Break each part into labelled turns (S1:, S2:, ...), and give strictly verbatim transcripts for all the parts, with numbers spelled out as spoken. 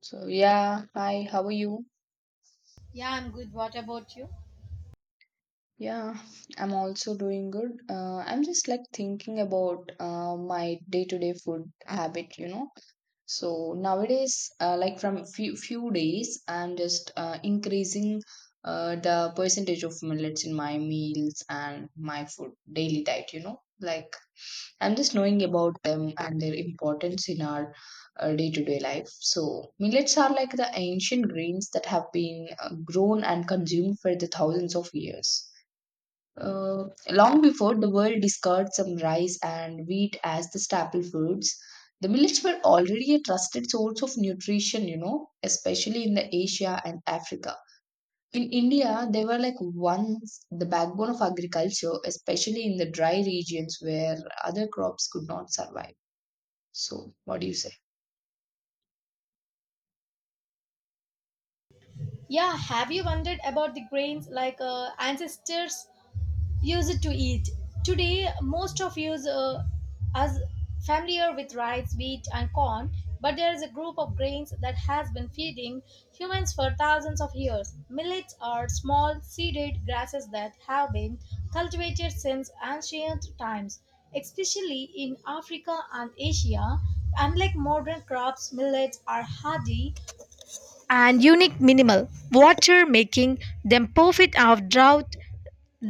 S1: So yeah, hi, how are you?
S2: Yeah, I'm good. What about you?
S1: Yeah, I'm also doing good. Uh, I'm just like thinking about uh, my day-to-day food habit, you know. So nowadays, uh, like from few few days, I'm just uh, increasing uh, the percentage of millets in my meals and my food daily diet, you know. Like I'm just knowing about them and their importance in our day to day life. So, millets are like the ancient grains that have been uh, grown and consumed for the thousands of years. Uh, long before the world discarded some rice and wheat as the staple foods, the millets were already a trusted source of nutrition, you know, especially in the Asia and Africa. In India, they were like once the backbone of agriculture, especially in the dry regions where other crops could not survive. So, what do you say?
S2: Yeah, have you wondered about the grains like uh, ancestors used to eat? Today, most of us uh, are familiar with rice, wheat, and corn, but there is a group of grains that has been feeding humans for thousands of years. Millets are small, seeded grasses that have been cultivated since ancient times, especially in Africa and Asia. Unlike modern crops, millets are hardy and unique minimal water making them perfect off drought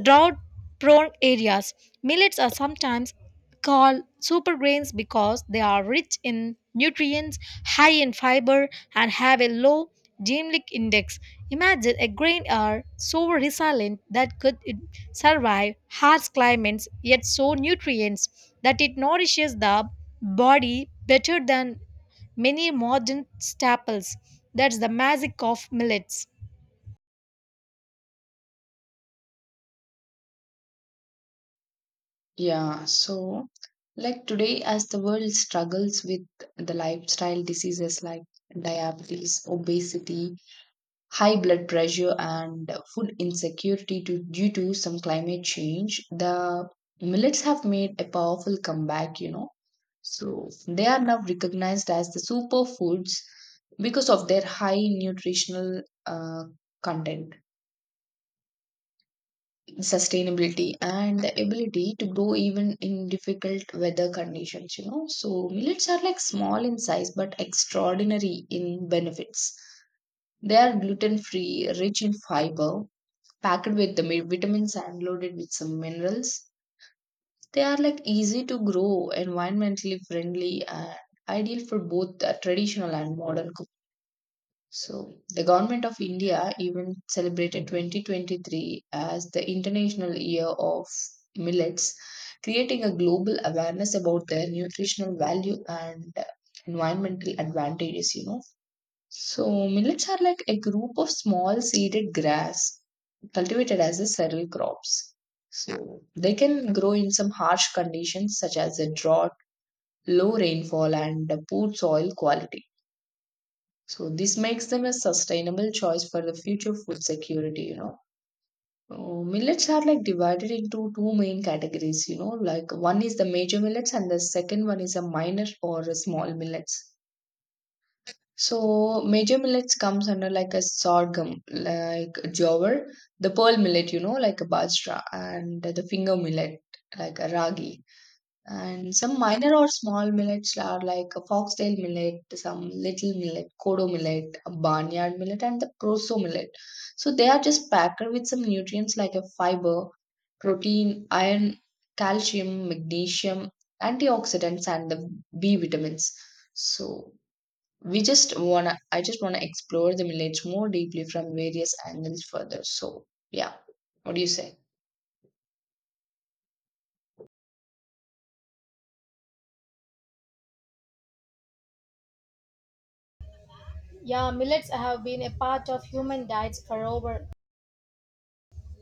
S2: Drought prone areas. Millets are sometimes called supergrains because they are rich in nutrients, high in fiber, and have a low glycemic index. Imagine a grain are so resilient that could it survive harsh climates yet so nutrients that it nourishes the body better than many modern staples. That's the magic of millets.
S1: Yeah, so like today, as the world struggles with the lifestyle diseases like diabetes, obesity, high blood pressure and food insecurity to, due to some climate change, the millets have made a powerful comeback, you know. So they are now recognized as the superfoods because of their high nutritional uh, content, sustainability, and the ability to grow even in difficult weather conditions, you know. So millets are like small in size but extraordinary in benefits. They are gluten free, rich in fiber, packed with the mi- vitamins and loaded with some minerals. They are like easy to grow, environmentally friendly, and ideal for both the traditional and modern cooking. So, the government of India even celebrated twenty twenty-three as the International Year of Millets, creating a global awareness about their nutritional value and environmental advantages, you know. So, millets are like a group of small seeded grass cultivated as a cereal crops. So, they can grow in some harsh conditions such as a drought, low rainfall, and a poor soil quality. So, this makes them a sustainable choice for the future food security, you know. Uh, millets are like divided into two main categories, you know, like one is the major millets and the second one is a minor or a small millets. So major millets comes under like a sorghum, like jowar, the pearl millet, you know, like a bajra, and the finger millet, like a ragi. And some minor or small millets are like a foxtail millet, some little millet, kodo millet, a barnyard millet, and the proso millet. So they are just packed with some nutrients like a fiber, protein, iron, calcium, magnesium, antioxidants, and the B vitamins. So we just wanna I just wanna explore the village more deeply from various angles further, so yeah, what do you say?
S2: Yeah, millets have been a part of human diets for over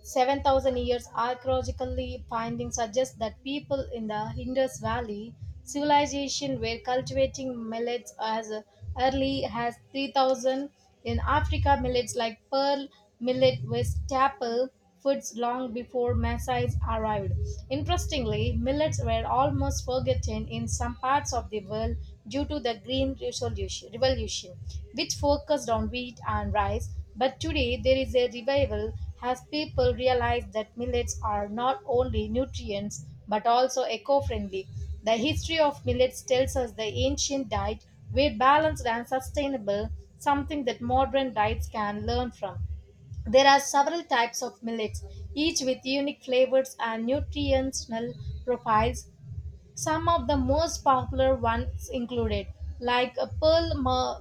S2: seven thousand years archaeological findings suggest that people in the Indus Valley civilization were cultivating millets as early as three thousand. In Africa, millets like pearl millet were staple foods long before Maasai's arrived. Interestingly, millets were almost forgotten in some parts of the world due to the Green Resolution- Revolution, which focused on wheat and rice. But today, there is a revival as people realized that millets are not only nutrients but also eco friendly, the history of millets tells us the ancient diet were balanced and sustainable, something that modern diets can learn from. There are several types of millets, each with unique flavors and nutritional profiles, some of the most popular ones included, like a pearl ma-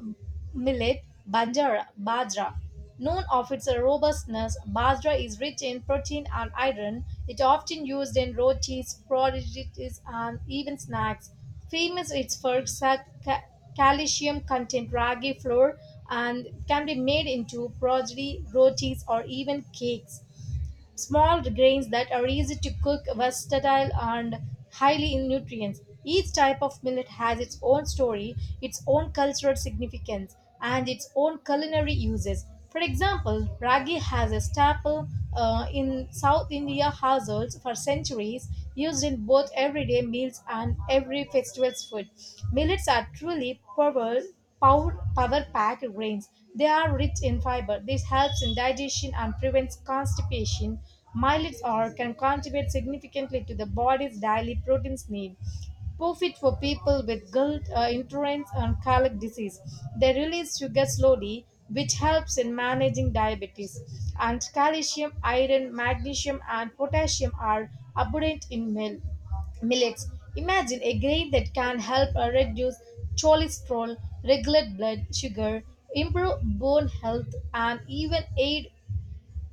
S2: millet, banjara, bajra. Known of its robustness, bajra is rich in protein and iron. It often used in rotis, prodigies, and even snacks. Famous it's for sa- ca- calcium content ragi flour and can be made into prodigy, rotis, or even cakes small grains that are easy to cook, versatile, and highly in nutrients. Each type of millet has its own story, its own cultural significance, and its own culinary uses. For example, ragi has a staple uh, in South India households for centuries, used in both everyday meals and every festival's food. Millets are truly powerful power, power-packed grains. They are rich in fiber. This helps in digestion and prevents constipation. Millets are can contribute significantly to the body's daily proteins need. Perfect for people with gut uh, intolerance and colic disease. They release sugar slowly, which helps in managing diabetes. And calcium, iron, magnesium, and potassium are abundant in milk. Millets. Imagine a grain that can help uh, reduce cholesterol, regulate blood sugar, improve bone health, and even aid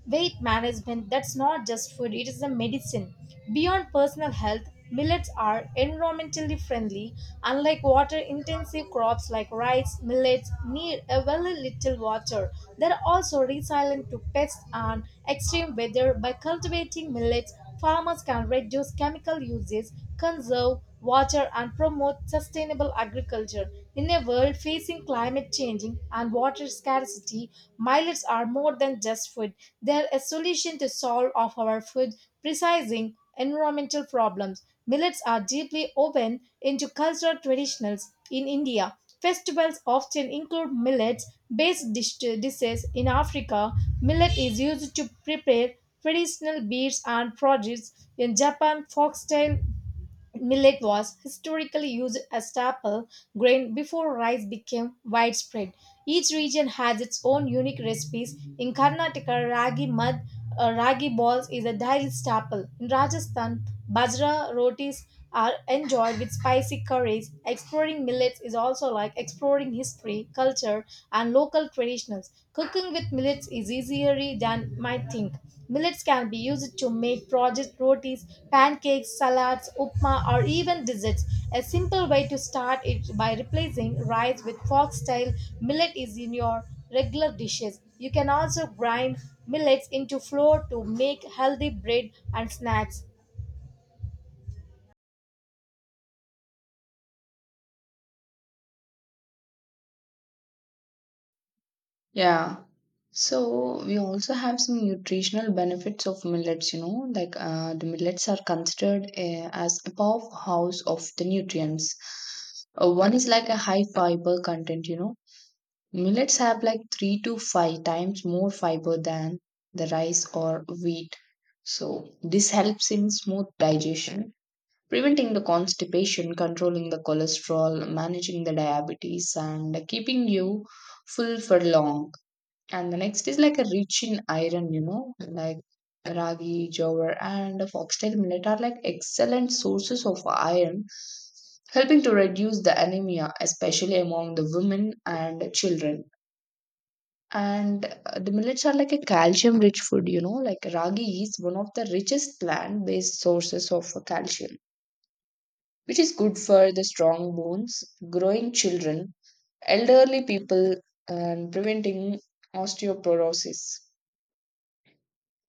S2: weight management. That's not just food, it is a medicine. Beyond personal health, millets are environmentally friendly. Unlike water intensive crops like rice, millets need a very little water. They're also resilient to pests and extreme weather by cultivating millets Farmers can reduce chemical uses, conserve water, and promote sustainable agriculture. In a world facing climate changing and water scarcity, millets are more than just food. They're a solution to solve of our food precising environmental problems. Millets are deeply woven into cultural traditions in India. Festivals often include millets based dish- dishes in Africa. Millet is used to prepare Traditional beans and produce in Japan, foxtail millet was historically used as staple grain before rice became widespread. Each region has its own unique recipes. In Karnataka, ragi mud, uh, ragi balls is a daily staple. In Rajasthan, bajra rotis are enjoyed with spicy curries. Exploring millets is also like exploring history, culture, and local local traditionals. Cooking with millets is easier than might think. Millets can be used to make project rotis, pancakes, salads, upma, or even desserts. A simple way to start is by replacing rice with foxtail. Millet is in your regular dishes. You can also grind millets into flour to make healthy bread and snacks.
S1: Yeah. So we also have some nutritional benefits of millets, you know, like uh, the millets are considered uh, as a powerhouse of the nutrients. Uh, one is like a high fiber content, you know, millets have like three to five times more fiber than the rice or wheat. So this helps in smooth digestion, preventing the constipation, controlling the cholesterol, managing the diabetes, and keeping you full for long. And the next is like a rich in iron, you know, like ragi, jowar, and foxtail millet are like excellent sources of iron, helping to reduce the anemia, especially among the women and children. And uh, the millets are like a calcium rich food, you know, like ragi is one of the richest plant based sources of uh, calcium, which is good for the strong bones, growing children, elderly people, and preventing osteoporosis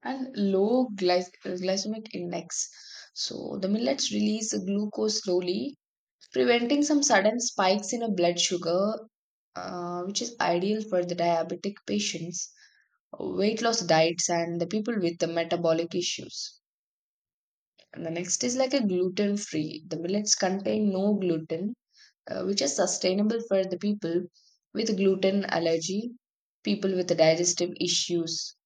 S1: and low glyc- glycemic index. So, the millets release glucose slowly, preventing some sudden spikes in a blood sugar, uh, which is ideal for the diabetic patients, weight loss diets, and the people with the metabolic issues. And the next is like a gluten free. The millets contain no gluten, uh, which is sustainable for the people with gluten allergy, people with digestive issues,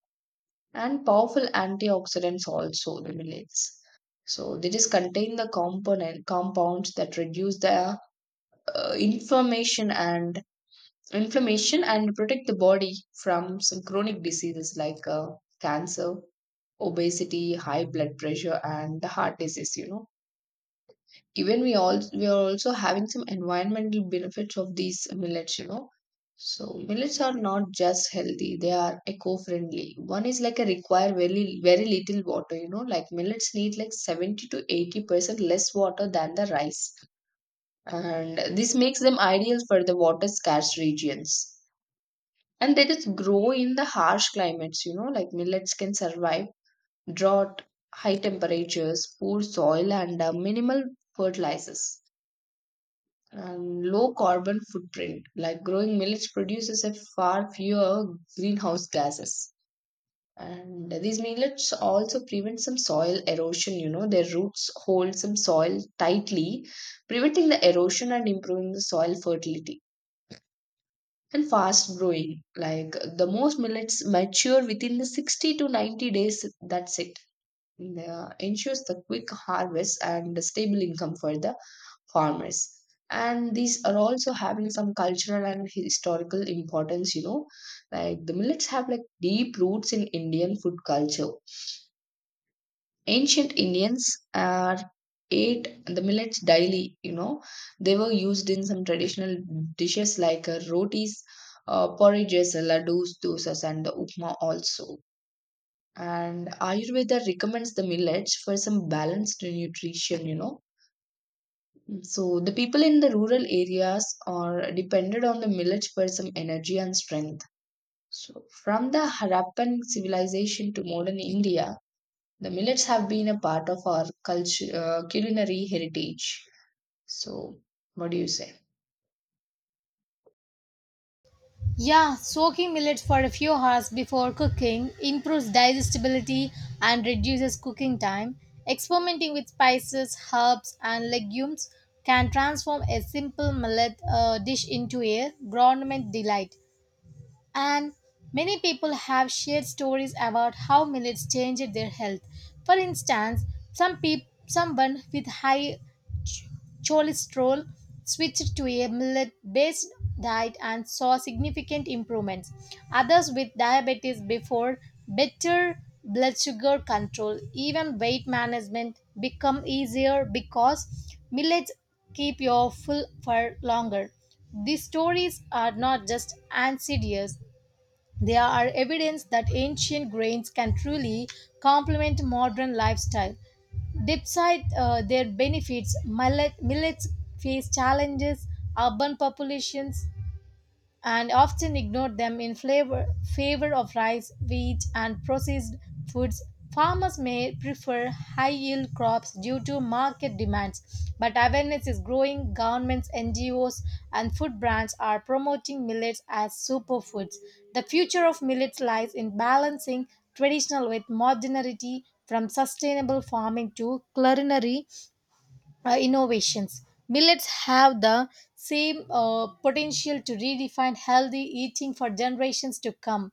S1: and powerful antioxidants also the millets. So they just contain the component compounds that reduce the uh, inflammation and inflammation and protect the body from some chronic diseases like uh, cancer, obesity, high blood pressure, and the heart disease. You know, even we all we are also having some environmental benefits of these millets, you know. So millets are not just healthy, they are eco-friendly. One is like a require very very little water, you know, like millets need like seventy to eighty percent less water than the rice, and this makes them ideal for the water scarce regions. And they just grow in the harsh climates, you know, like millets can survive drought, high temperatures, poor soil, and uh, minimal fertilizers, and low carbon footprint. Like growing millets produces a far fewer greenhouse gases. And these millets also prevent some soil erosion. You know, their roots hold some soil tightly, preventing the erosion and improving the soil fertility. And fast growing, like the most millets mature within the sixty to ninety days. That's it. And, uh, ensures the quick harvest and stable income for the farmers. And these are also having some cultural and historical importance, you know, like the millets have like deep roots in indian food culture. Ancient indians are ate the millets daily, you know. They were used in some traditional dishes like uh, rotis, uh, porridges, laddus, dosas and the upma also. And ayurveda recommends the millets for some balanced nutrition, you know. So the people in the rural areas are depended on the millets for some energy and strength. So from the Harappan civilization to modern India, the millets have been a part of our culture, uh, culinary heritage. So what do you say?
S2: Yeah, soaking millets for a few hours before cooking improves digestibility and reduces cooking time. Experimenting with spices, herbs, and legumes can transform a simple millet uh, dish into a gourmet delight. And many people have shared stories about how millets changed their health. For instance, some peop- someone with high ch- cholesterol switched to a millet based diet and saw significant improvements. Others with diabetes before better blood sugar control, even weight management become easier because millets keep you full for longer. These stories are not just anecdotes; there are evidence that ancient grains can truly complement modern lifestyle. Despite uh, their benefits, millet, millets face challenges, urban populations, and often ignore them in flavor, favor of rice, wheat, and processed foods. Farmers may prefer high yield crops due to market demands, but awareness is growing. Governments, N G Os, and food brands are promoting millets as superfoods. The future of millets lies in balancing traditional with modernity from sustainable farming to culinary uh, innovations. Millets have the same uh, potential to redefine healthy eating for generations to come.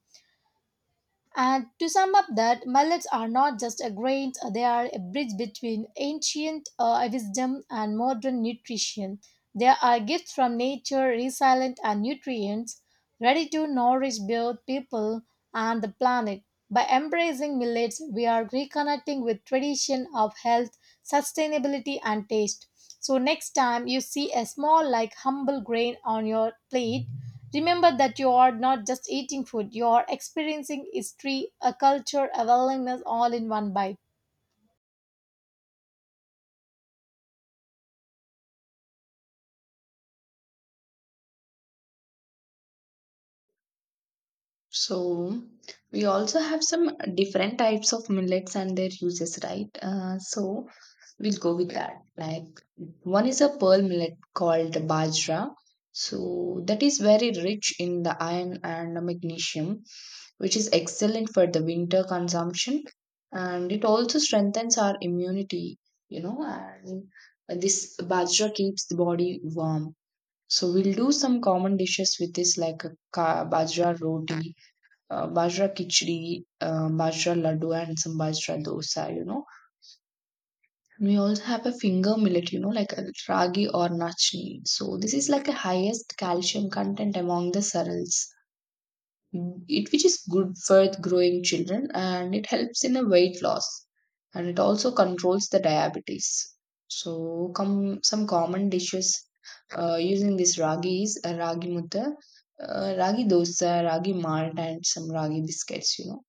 S2: And to sum up that, millets are not just a grain, uh, they are a bridge between ancient uh, wisdom and modern nutrition. They are gifts from nature, resilient and nutrients, ready to nourish both people and the planet. By embracing millets, we are reconnecting with tradition of health, sustainability and taste so, next time you see a small, like humble grain on your plate, remember that you are not just eating food, you are experiencing history, a culture, a wellness all in one bite.
S1: So we also have some different types of millets and their uses, right? Uh, so we'll go with that. Like one is a pearl millet called bajra. So that is very rich in the iron and magnesium, which is excellent for the winter consumption, and it also strengthens our immunity, you know. And this bajra keeps the body warm. So we'll do some common dishes with this, like a ka- bajra roti, uh, bajra khichdi, uh, bajra laddu, and some bajra dosa, you know. We also have a finger millet, you know, like a ragi or nachni. So this is like a highest calcium content among the cereals. It which is good for growing children and it helps in a weight loss, and it also controls the diabetes. So come some common dishes uh, using this ragi is uh, ragi mutta, uh, ragi dosa, ragi malt, and some ragi biscuits, you know.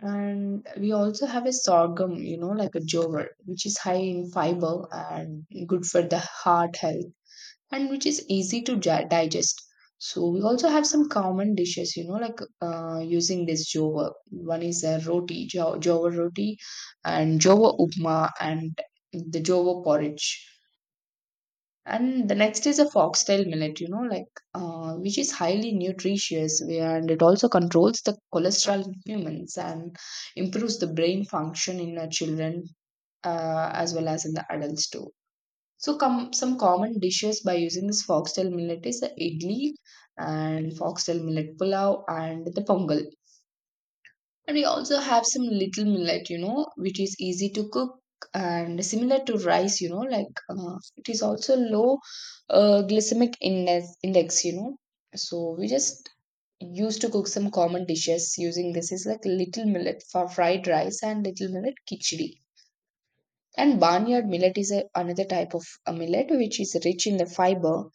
S1: And we also have a sorghum, you know, like a jover, which is high in fiber and good for the heart health, and which is easy to ja- digest. So we also have some common dishes, you know, like uh, using this jover. One is a roti, jo- jover roti, and jover upma, and the jover porridge. And the next is a foxtail millet, you know, like uh, which is highly nutritious, and it also controls the cholesterol in humans and improves the brain function in our children uh, as well as in the adults too. So, com- some common dishes by using this foxtail millet is the idli and foxtail millet pulao and the pongal. And we also have some little millet, you know, which is easy to cook and similar to rice, you know, like uh, it is also low uh, glycemic index, index, you know. So we just used to cook some common dishes using this is like little millet for fried rice and little millet khichdi. And barnyard millet is a, another type of a millet which is rich in the fiber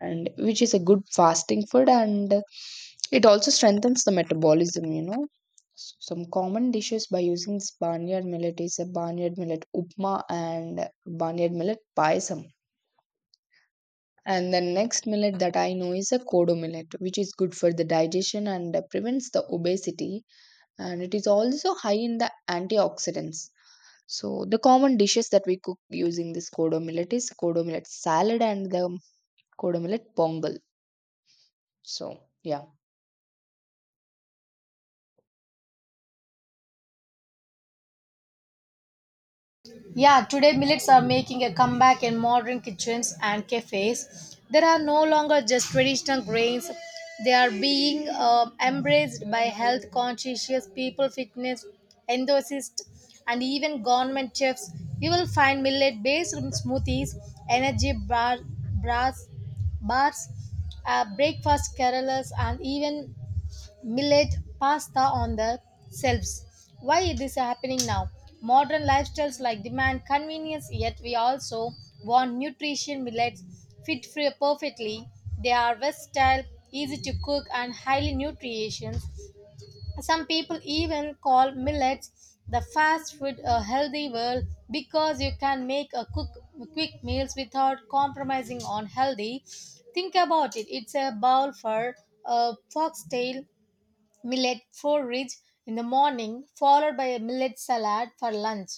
S1: and which is a good fasting food, and it also strengthens the metabolism, you know. Some common dishes by using this barnyard millet is a barnyard millet upma and barnyard millet payasam. And the next millet that I know is a kodo millet, which is good for the digestion, and uh, prevents the obesity, and it is also high in the antioxidants. So the common dishes that we cook using this kodo millet is kodo millet salad and the kodo millet pongal, so yeah.
S2: Yeah, today millets are making a comeback in modern kitchens and cafes. There are no longer just traditional grains, they are being uh, embraced by health conscious people, fitness enthusiasts, and even government chefs. You will find millet based smoothies, energy bar, bars, bars uh, breakfast carolas, and even millet, pasta on the shelves. Why it is happening now? Modern lifestyles like demand convenience, yet we also want nutrition millets fit for perfectly. They are versatile, easy to cook, and highly nutritious. Some people even call millets the fast food a healthy world because you can make a cook quick meals without compromising on healthy. Think about it. It's a bowl for a foxtail millet porridge in the morning, followed by a millet salad for lunch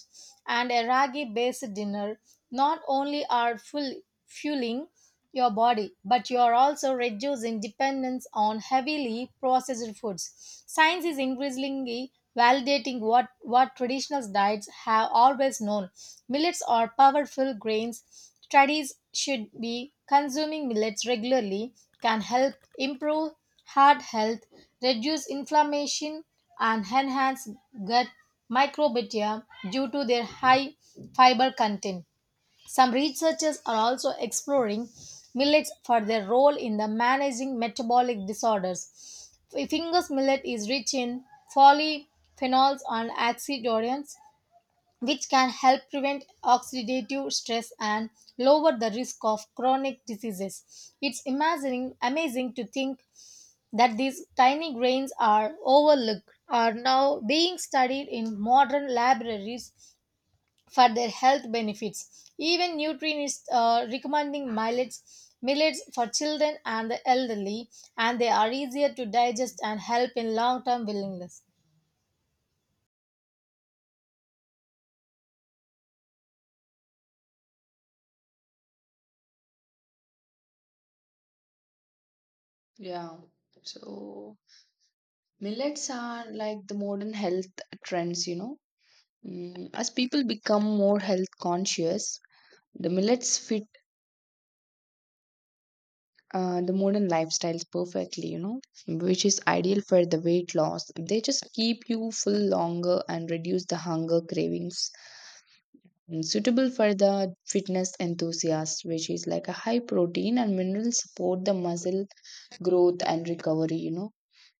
S2: and a ragi based dinner, not only are full, fueling your body, but you are also reducing dependence on heavily processed foods. Science is increasingly validating what, what traditional diets have always known. Millets are powerful grains. Studies should be consuming millets regularly can help improve heart health, reduce inflammation, and enhance gut microbiota due to their high fiber content. Some researchers are also exploring millets for their role in the managing metabolic disorders. Fingers millet is rich in polyphenols and antioxidants, which can help prevent oxidative stress and lower the risk of chronic diseases. It's amazing, amazing to think that these tiny grains are overlooked are now being studied in modern laboratories for their health benefits. Even nutritionists are recommending millets, millets for children and the elderly, and they are easier to digest and help in long-term willingness.
S1: Yeah. So millets are like the modern health trends, you know. Mm, as people become more health conscious, the millets fit uh, the modern lifestyles perfectly, you know, which is ideal for the weight loss. They just keep you full longer and reduce the hunger cravings. Mm, suitable for the fitness enthusiast, which is like a high protein and mineral support the muscle growth and recovery, you know,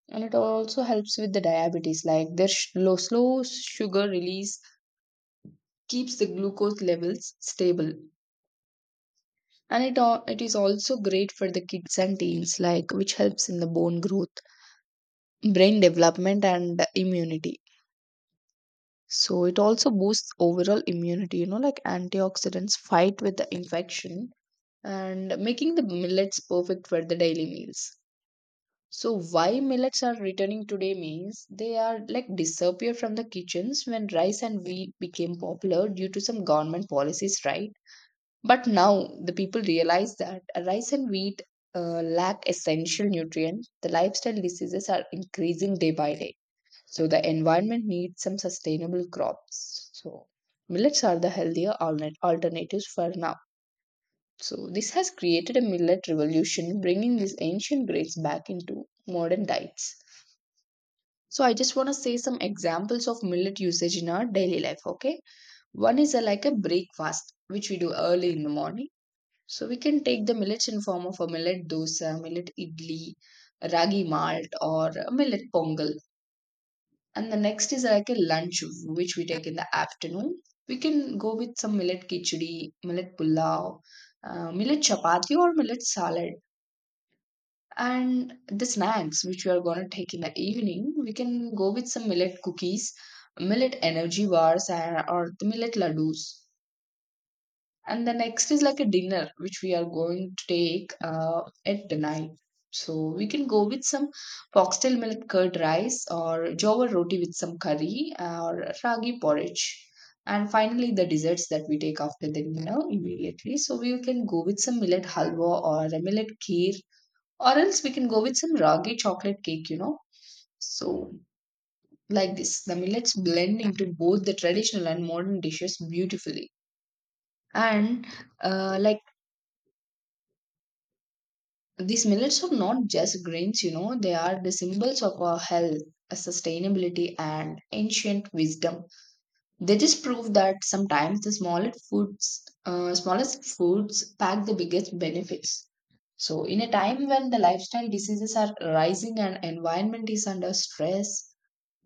S1: and it also helps with the diabetes like their sh- low, slow sugar release keeps the glucose levels stable and it, al- it is also great for the kids and teens like which helps in the bone growth, brain development, and immunity. So it also boosts overall immunity, you know, like antioxidants fight with the infection and making the millets perfect for the daily meals. So why millets are returning today means they are like disappear from the kitchens when rice and wheat became popular due to some government policies, right? But now the people realize that rice and wheat uh, lack essential nutrients. The lifestyle diseases are increasing day by day. So the environment needs some sustainable crops. So millets are the healthier altern- alternatives for now. So this has created a millet revolution, bringing these ancient grains back into modern diets. So I just want to say some examples of millet usage in our daily life. Okay, one is a, like a breakfast which we do early in the morning. So we can take the millets in form of a millet dosa, millet idli, ragi malt, or a millet pongal. And the next is like a lunch which we take in the afternoon. We can go with some millet khichdi, millet pulao, uh, millet chapati, or millet salad. And the snacks which we are gonna take in the evening, we can go with some millet cookies, millet energy bars, and, or the millet laddus. And the next is like a dinner which we are going to take uh, at the night. So we can go with some foxtail millet curd rice or jowar roti with some curry or ragi porridge. And finally, the desserts that we take after the dinner immediately. So we can go with some millet halwa or a millet kheer, or else we can go with some ragi chocolate cake, you know. So, like this, the millets blend into both the traditional and modern dishes beautifully. And uh, like these millets are not just grains, you know, they are the symbols of our health, uh, sustainability, and ancient wisdom. They just prove that sometimes the smallest foods, uh, smallest foods pack the biggest benefits. So, in a time when the lifestyle diseases are rising and environment is under stress,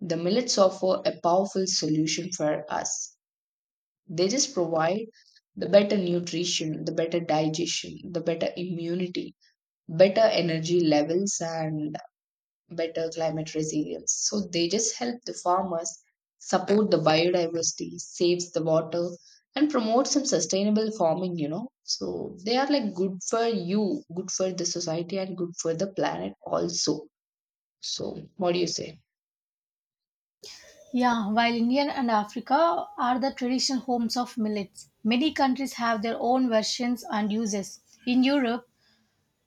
S1: the millets offer a powerful solution for us. They just provide the better nutrition, the better digestion, the better immunity, better energy levels, and better climate resilience. So they just help the farmers, support the biodiversity, saves the water, and promote some sustainable farming, you know. So they are like good for you, good for the society, and good for the planet also. So, what do you say?
S2: Yeah, while India and Africa are the traditional homes of millets, many countries have their own versions and uses. In Europe,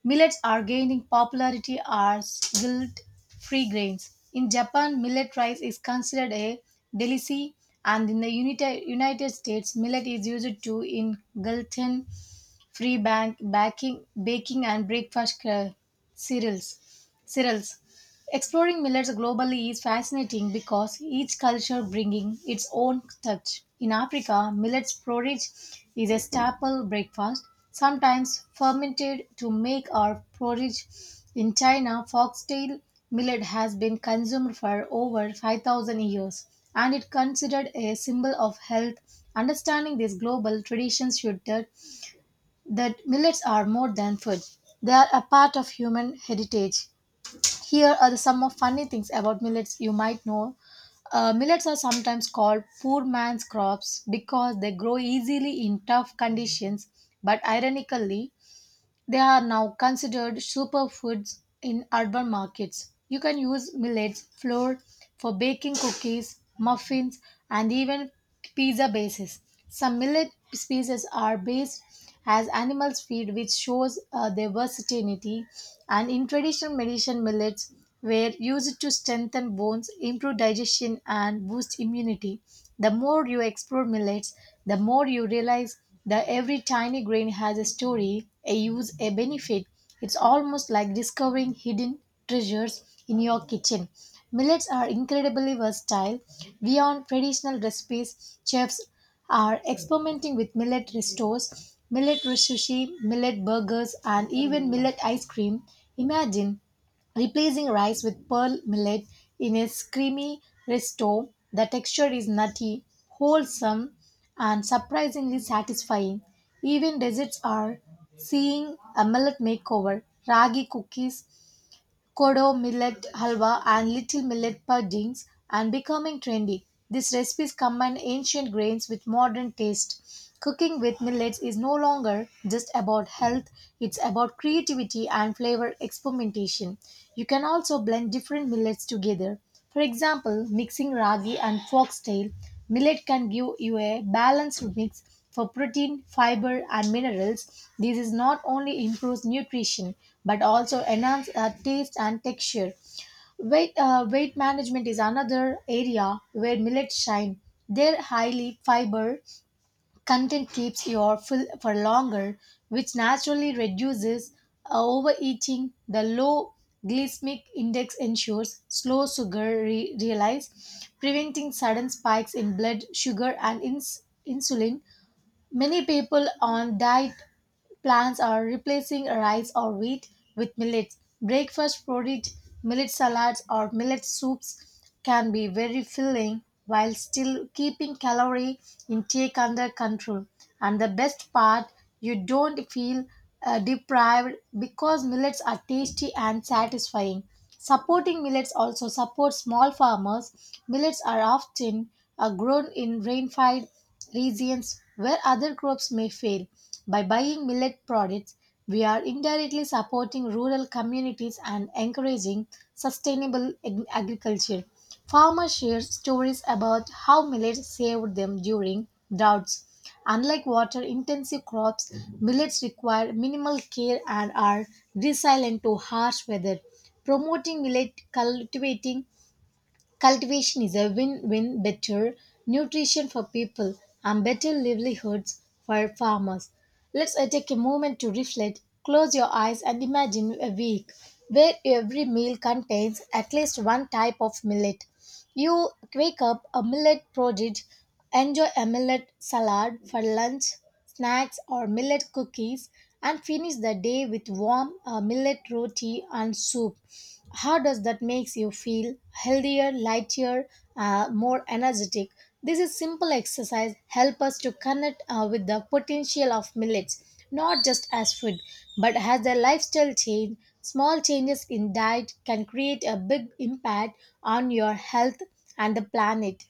S2: millets are gaining popularity as guilt-free grains. In Japan, millet rice is considered a delicacy, and in the Unita- United States, millet is used to in gluten free bank baking baking and breakfast cre- cereals cereals Exploring millets globally is fascinating because each culture bringing its own touch. In Africa, millet porridge is a staple breakfast, sometimes fermented to make our porridge. In China, foxtail millet has been consumed for over five thousand years and it considered a symbol of health. Understanding these global traditions should that, that millets are more than food. They are a part of human heritage. Here are the some of funny things about millets you might know. Uh, millets are sometimes called poor man's crops because they grow easily in tough conditions, but ironically, they are now considered superfoods in urban markets. You can use millets flour for baking cookies, muffins, and even pizza bases. Some millet species are based as animals feed, which shows uh, their versatility. And in traditional medicine, millets were used to strengthen bones, improve digestion, and boost immunity. The more you explore millets, the more you realize that every tiny grain has a story, a use, a benefit. It's almost like discovering hidden treasures in your kitchen. Millets are incredibly versatile. Beyond traditional recipes, chefs are experimenting with millet restos, millet sushi, millet burgers, and even millet ice cream. Imagine replacing rice with pearl millet in a creamy risotto, The texture is nutty, wholesome, and surprisingly satisfying. Even desserts are seeing a millet makeover, ragi cookies Kodo millet halwa and little millet puddings and becoming trendy. These recipes combine ancient grains with modern taste. Cooking with millets is no longer just about health, it's about creativity and flavor experimentation. You can also blend different millets together. For example, mixing ragi and foxtail, millet can give you a balanced mix for protein, fiber, and minerals, this not only improves nutrition but also enhances our taste and texture. Weight, uh, weight management is another area where millets shine. Their highly fiber content keeps your full for longer, which naturally reduces uh, overeating. The low glycemic index ensures slow sugar re- realize, preventing sudden spikes in blood sugar and ins- insulin Many people on diet plans are replacing rice or wheat with millet. Breakfast porridge, millet salads, or millet soups can be very filling while still keeping calorie intake under control. And the best part, you don't feel uh, deprived because millets are tasty and satisfying. Supporting millets also supports small farmers. Millets are often uh, grown in rainfed regions where other crops may fail. By buying millet products, we are indirectly supporting rural communities and encouraging sustainable ag- agriculture. Farmers share stories about how millets saved them during droughts. Unlike water intensive crops, millets require minimal care and are resilient to harsh weather. Promoting millet cultivating Cultivation is a win win better nutrition for people and better livelihoods for farmers. Let's uh, take a moment to reflect, close your eyes, and imagine a week where every meal contains at least one type of millet. You wake up a millet porridge, enjoy a millet salad for lunch, snacks or millet cookies and finish the day with warm uh, millet roti and soup. How does that makes you feel healthier lighter uh, more energetic? This is simple exercise help us to connect uh, with the potential of millets not just as food but as a lifestyle change. Small changes in diet can create a big impact on your health and the planet.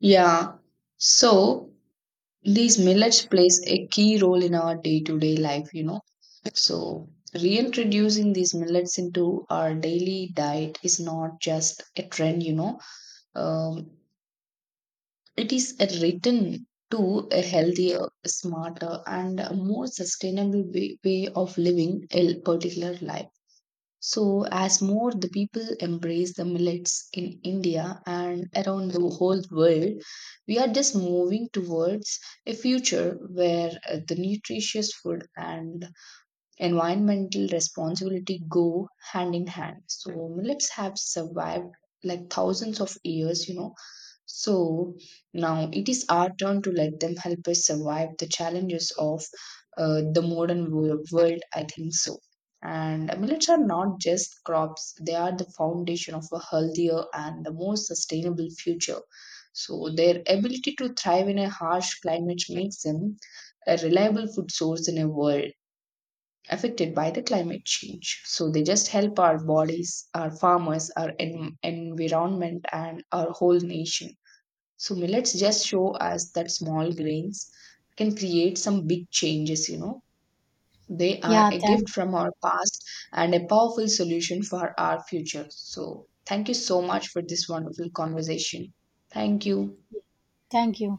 S1: Yeah. So, these millets plays a key role in our day-to-day life you know so reintroducing these millets into our daily diet is not just a trend you know um, it is a return to a healthier, smarter, and a more sustainable way, way of living a particular life. So, as more the people embrace the millets in India and around the whole world, we are just moving towards a future where uh, the nutritious food and environmental responsibility go hand in hand. So, millets have survived like thousands of years, you know, So now it is our turn to let them help us survive the challenges of uh, the modern wo- world, I think so. And millets are not just crops, they are the foundation of a healthier and the more sustainable future. So, their ability to thrive in a harsh climate makes them a reliable food source in a world affected by the climate change. So, they just help our bodies, our farmers, our en- environment, and our whole nation. So millets just show us that small grains can create some big changes, you know. They are
S2: yeah
S1: a gift
S2: thank,
S1: from our past and a powerful solution for our future. So thank you so much for this wonderful conversation. Thank you.
S2: Thank you.